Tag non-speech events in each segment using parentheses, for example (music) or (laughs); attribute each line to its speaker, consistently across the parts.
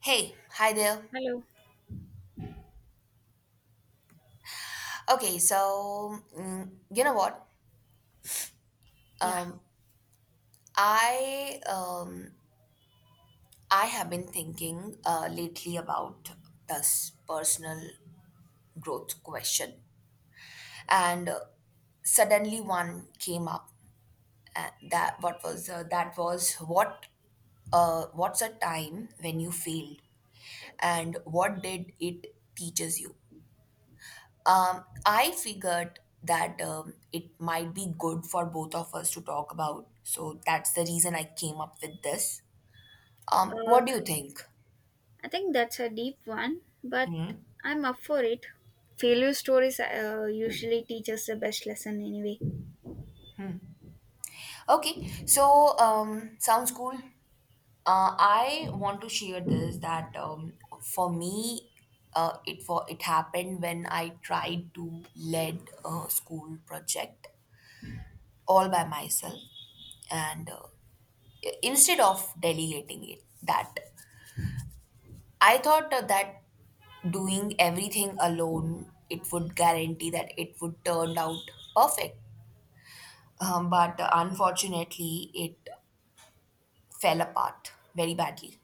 Speaker 1: Hey, hi there.
Speaker 2: Hello.
Speaker 1: Okay, so you know what?
Speaker 2: Yeah.
Speaker 1: Um, I um, I have been thinking lately about this personal growth question, and suddenly one came up. And that what was that was what what's a time when you failed, and what did it teaches you? I figured that it might be good for both of us to talk about. So that's the reason I came up with this.
Speaker 2: Uh,
Speaker 1: What do you think?
Speaker 2: I think that's a deep one, but
Speaker 1: Hmm.
Speaker 2: I'm up for it. Failure stories usually teach us the best lesson anyway.
Speaker 1: Okay, so sounds cool. I want to share this that for me, it happened when I tried to lead a school project all by myself, and instead of delegating it, that I thought that doing everything alone, it would guarantee that it would turn out perfect. But unfortunately, it fell apart very badly.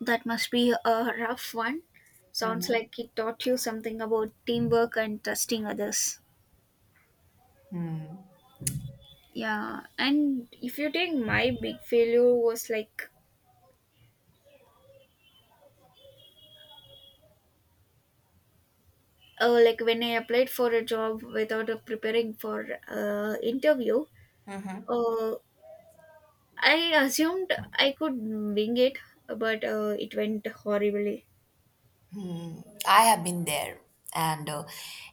Speaker 2: That must be a rough one. Sounds like it taught you something about teamwork and trusting others. Yeah, and if you take my big failure was like when I applied for a job without preparing for interview, uh, I assumed I could wing it, but it went horribly.
Speaker 1: I have been there, and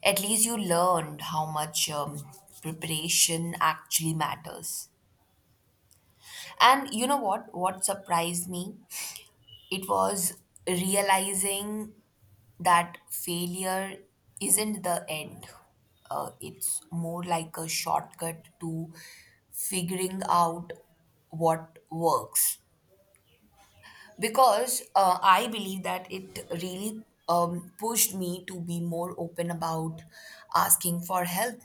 Speaker 1: at least you learned how much preparation actually matters. And you know what? What surprised me? It was realizing that failure isn't the end. It's more like a shortcut to figuring out what works. Because I believe that it really pushed me to be more open about asking for help.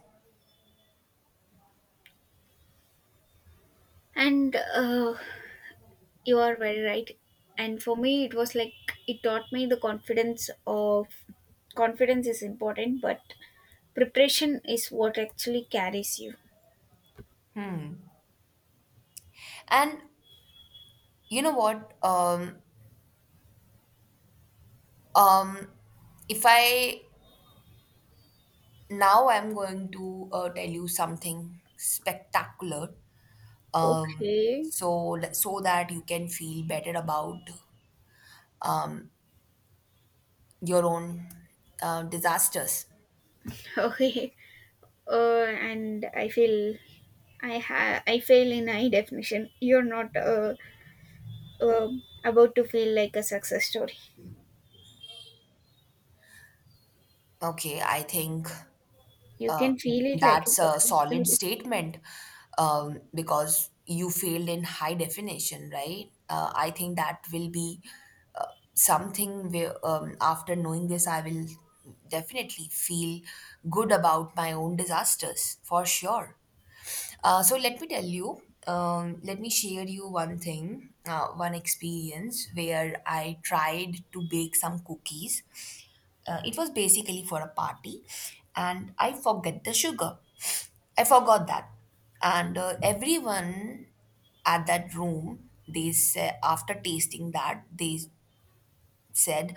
Speaker 2: And you are very right. And for me, it was like it taught me the confidence of confidence is important, but preparation is what actually carries you.
Speaker 1: And you know what? Um, if I now I'm going to tell you something spectacular, um,
Speaker 2: Okay,
Speaker 1: so that you can feel better about um, your own disasters.
Speaker 2: (laughs) okay. And I feel I fail in high definition. You're not uh, about to feel like a success story.
Speaker 1: Okay, I think
Speaker 2: You
Speaker 1: uh,
Speaker 2: can feel it like a
Speaker 1: that's a
Speaker 2: success
Speaker 1: solid
Speaker 2: story.
Speaker 1: statement, because you failed in high definition, right? I think that will be uh, something where, after knowing this, I will definitely feel good about my own disasters for sure. So let me tell you, let me share you one thing, one experience where I tried to bake some cookies. It was basically for a party, and I forget the sugar. I forgot that, and everyone at that room, they said after tasting that, they said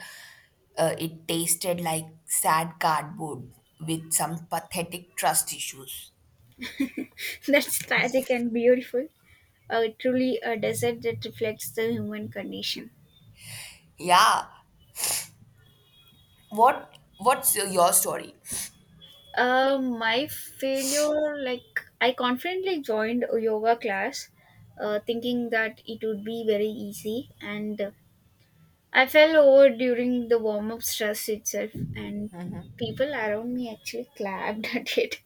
Speaker 1: it tasted like sad cardboard with some pathetic trust issues.
Speaker 2: (laughs) That's tragic and beautiful. Truly a desert that reflects the human condition.
Speaker 1: Yeah, what's your story?
Speaker 2: My failure, like, I confidently joined a yoga class thinking that it would be very easy, and I fell over during the warm up stress itself, and people around me actually clapped (laughs) at it.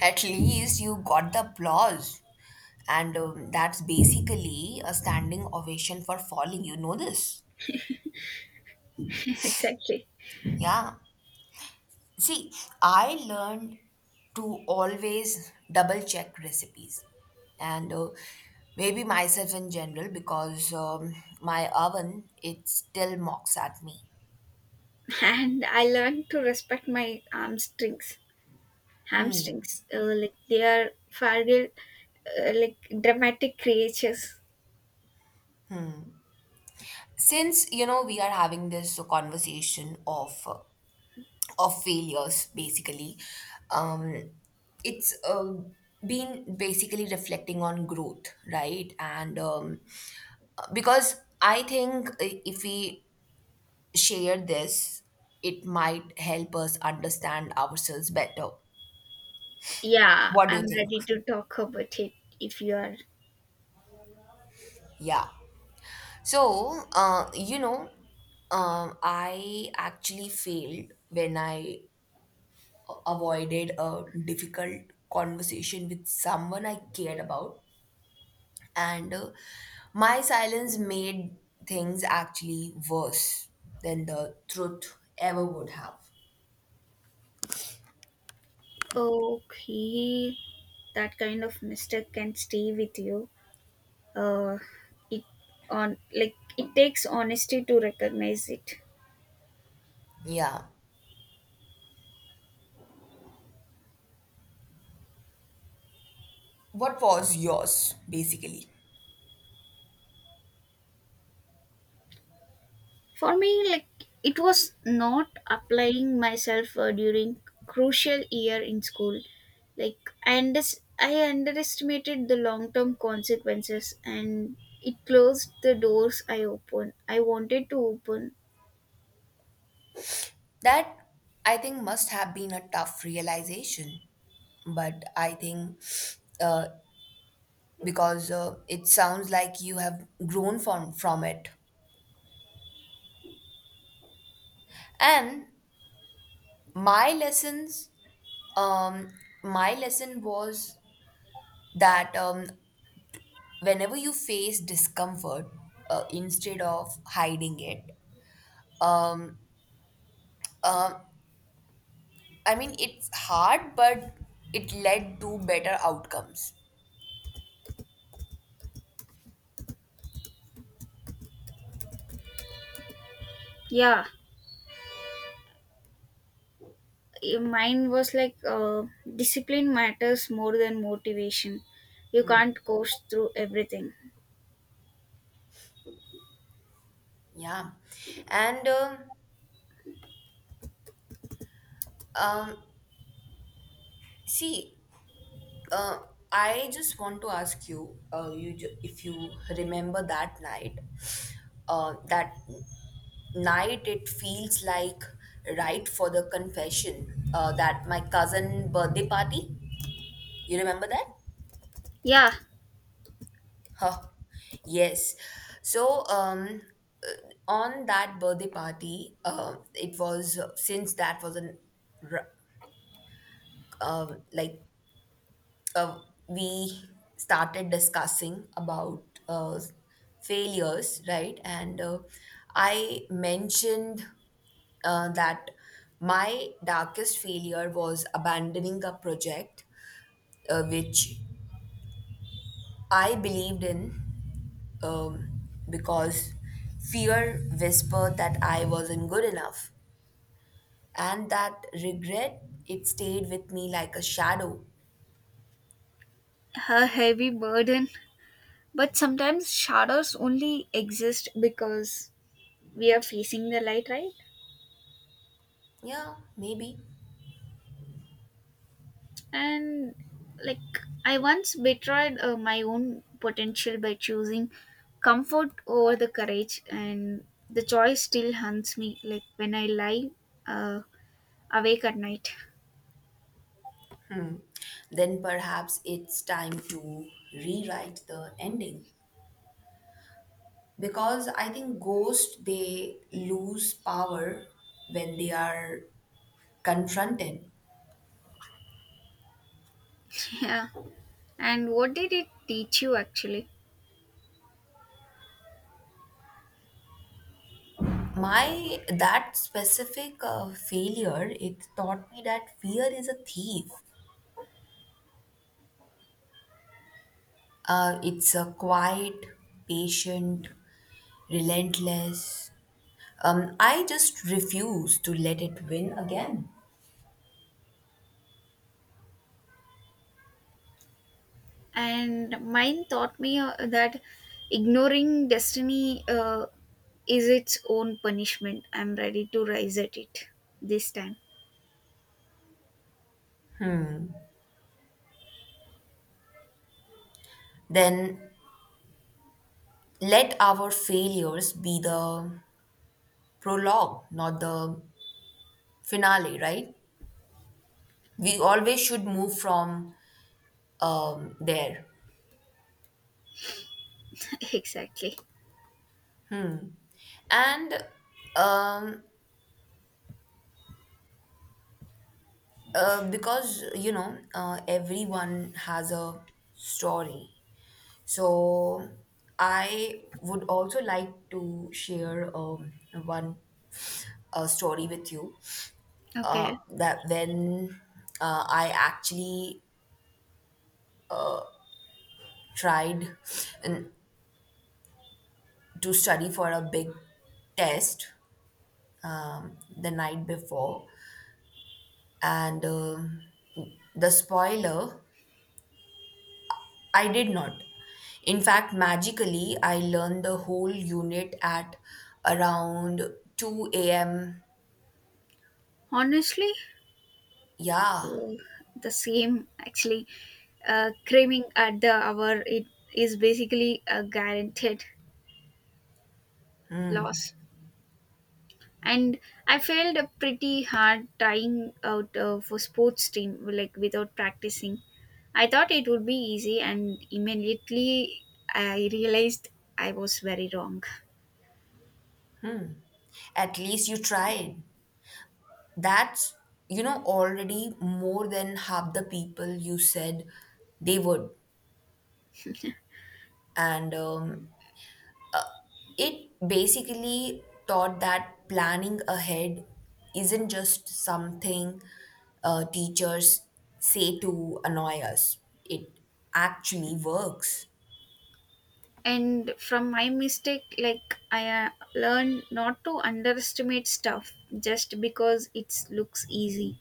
Speaker 1: At least you got the applause, and that's basically a standing ovation for falling, you know this.
Speaker 2: (laughs) exactly.
Speaker 1: Yeah, see, I learned to always double check recipes, and maybe myself in general, because my oven it still mocks at me.
Speaker 2: And I learned to respect my arm strings hamstrings. Like they are fragile, like dramatic creatures.
Speaker 1: Since you know we are having this conversation of of failures basically, um it's been basically reflecting on growth, right? And because I think if we share this, it might help us understand ourselves better.
Speaker 2: Yeah,
Speaker 1: What do you
Speaker 2: I'm
Speaker 1: think?
Speaker 2: ready to talk about it if you are.
Speaker 1: Yeah, so you know, I actually failed when I avoided a difficult conversation with someone I cared about. And my silence made things actually worse than the truth ever would have.
Speaker 2: Okay, that kind of mistake can stay with you. Uh, it on like it takes honesty to recognize it.
Speaker 1: Yeah. What was yours, basically?
Speaker 2: For me, like it was not applying myself during crucial year in school. Like I underestimated the long-term consequences, and it closed the doors I wanted to open.
Speaker 1: That I think must have been a tough realization. But I think, uh, because it sounds like you have grown from it. And my lessons, um, my lesson was that, whenever you face discomfort, instead of hiding it, um I mean it's hard, but it led to better outcomes.
Speaker 2: Yeah, mine was like discipline matters more than motivation. You can't coast through everything.
Speaker 1: Yeah. And um see, uh, I just want to ask you, if you remember that night, that night it feels like right for the confession, that my cousin birthday party, you remember that?
Speaker 2: Yeah,
Speaker 1: Huh. Yes. So, on that birthday party, it was since that was an, r- like uh, we started discussing about failures, right? And I mentioned that my darkest failure was abandoning a project, which I believed in, because fear whispered that I wasn't good enough, and that regret it stayed with me like a shadow.
Speaker 2: a heavy burden. But sometimes shadows only exist because we are facing the light, right?
Speaker 1: Yeah, maybe.
Speaker 2: And like, I once betrayed my own potential by choosing comfort over the courage, and the choice still haunts me, like when I lie uh, awake at night.
Speaker 1: Then perhaps it's time to rewrite the ending, because I think ghosts they lose power when they are confronted.
Speaker 2: (laughs) Yeah, and what did it teach you actually?
Speaker 1: My that specific failure it taught me that fear is a thief. It's a quiet, patient, relentless. I just refuse to let it win again.
Speaker 2: And mine taught me that ignoring destiny is its own punishment. I'm ready to rise at it this time.
Speaker 1: Then let our failures be the prologue, not the finale, right? We always should move from there.
Speaker 2: (laughs) Exactly.
Speaker 1: And um, because, you know, everyone has a story. So I would also like to share one story with you,
Speaker 2: Okay.
Speaker 1: that when I actually tried n- to study for a big test, the night before, and the spoiler, I did not. In fact, magically, I learned the whole unit at around 2 a.m.
Speaker 2: Honestly,
Speaker 1: Yeah,
Speaker 2: uh, the same actually. Craving at the hour it is basically a guaranteed loss. And I failed a pretty hard trying out for sports team like without practicing. I thought it would be easy, and immediately I realized I was very wrong.
Speaker 1: at least you tried. That's, you know, already more than half the people you said they would. And it basically taught that planning ahead isn't just something teachers say to annoy us, it actually works.
Speaker 2: And from my mistake, like I learned not to underestimate stuff just because it looks easy.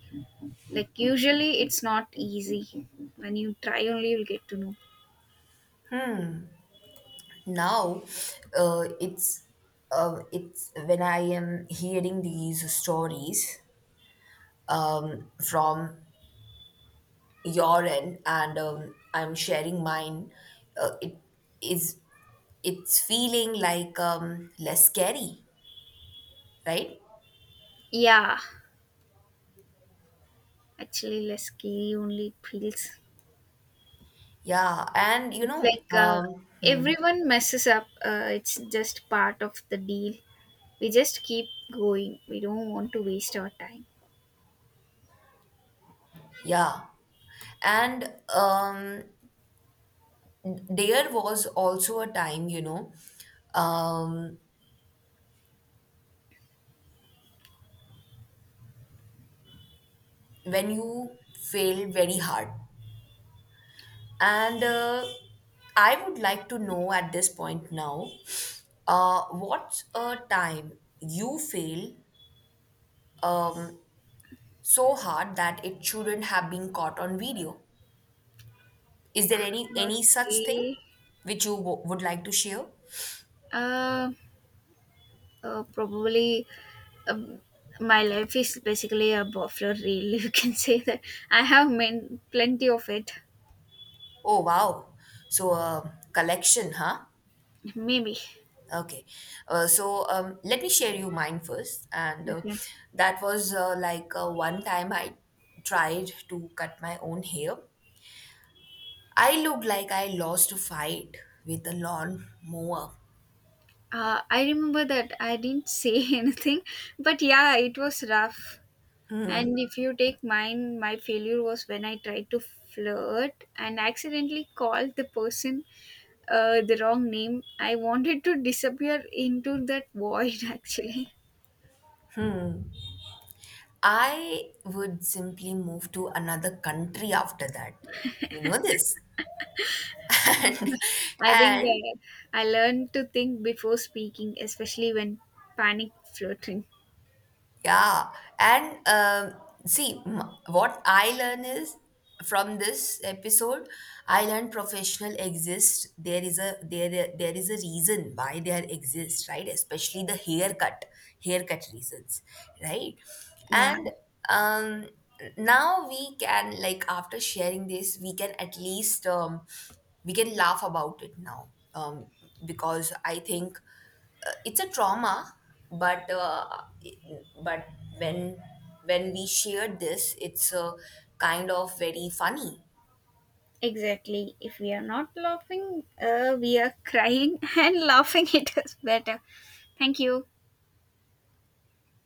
Speaker 2: Like, usually it's not easy. When you try, only you'll get to know.
Speaker 1: Now, uh, it's it's when I am hearing these stories, from your end and I'm sharing mine, it is it's feeling like less scary, right?
Speaker 2: Yeah, actually, less scary only it feels.
Speaker 1: Yeah, and you
Speaker 2: It's
Speaker 1: know,
Speaker 2: like everyone messes up. It's just part of the deal. We just keep going. We don't want to waste our time.
Speaker 1: yeah. And there was also a time, you know, um, when you failed very hard. And I would like to know at this point now, what's a time you fail um, so hard that it shouldn't have been caught on video. Is there any such thing
Speaker 2: Okay.
Speaker 1: which you would like to share?
Speaker 2: Uh, probably um, my life is basically a buffalo reel. (laughs) You can say that plenty of it.
Speaker 1: Oh wow! So collection, huh?
Speaker 2: Maybe.
Speaker 1: Okay. Let me share you mine first, and
Speaker 2: Okay.
Speaker 1: that was one time I tried to cut my own hair. I looked like I lost a fight with a lawn mower.
Speaker 2: I remember that I didn't say (laughs) anything, but yeah, it was rough. And if you take mine, my failure was when I tried to flirt and accidentally called the person the wrong name. I wanted to disappear into that void (laughs) actually.
Speaker 1: I would simply move to another country after that. You know this. And,
Speaker 2: I think
Speaker 1: (laughs) and
Speaker 2: I learned to think before speaking, especially when panic flirting.
Speaker 1: yeah. And what I learn is from this episode I learned professional exist, there is a reason why there exists, right? Especially the haircut reasons, right?
Speaker 2: Yeah.
Speaker 1: And um now we can, like, after sharing this we can at least we can laugh about it now, because I think it's a trauma, but uh, it- but when when we shared this it's kind of very funny.
Speaker 2: Exactly. If we are not laughing, we are crying (laughs) and laughing. It is better. Thank you.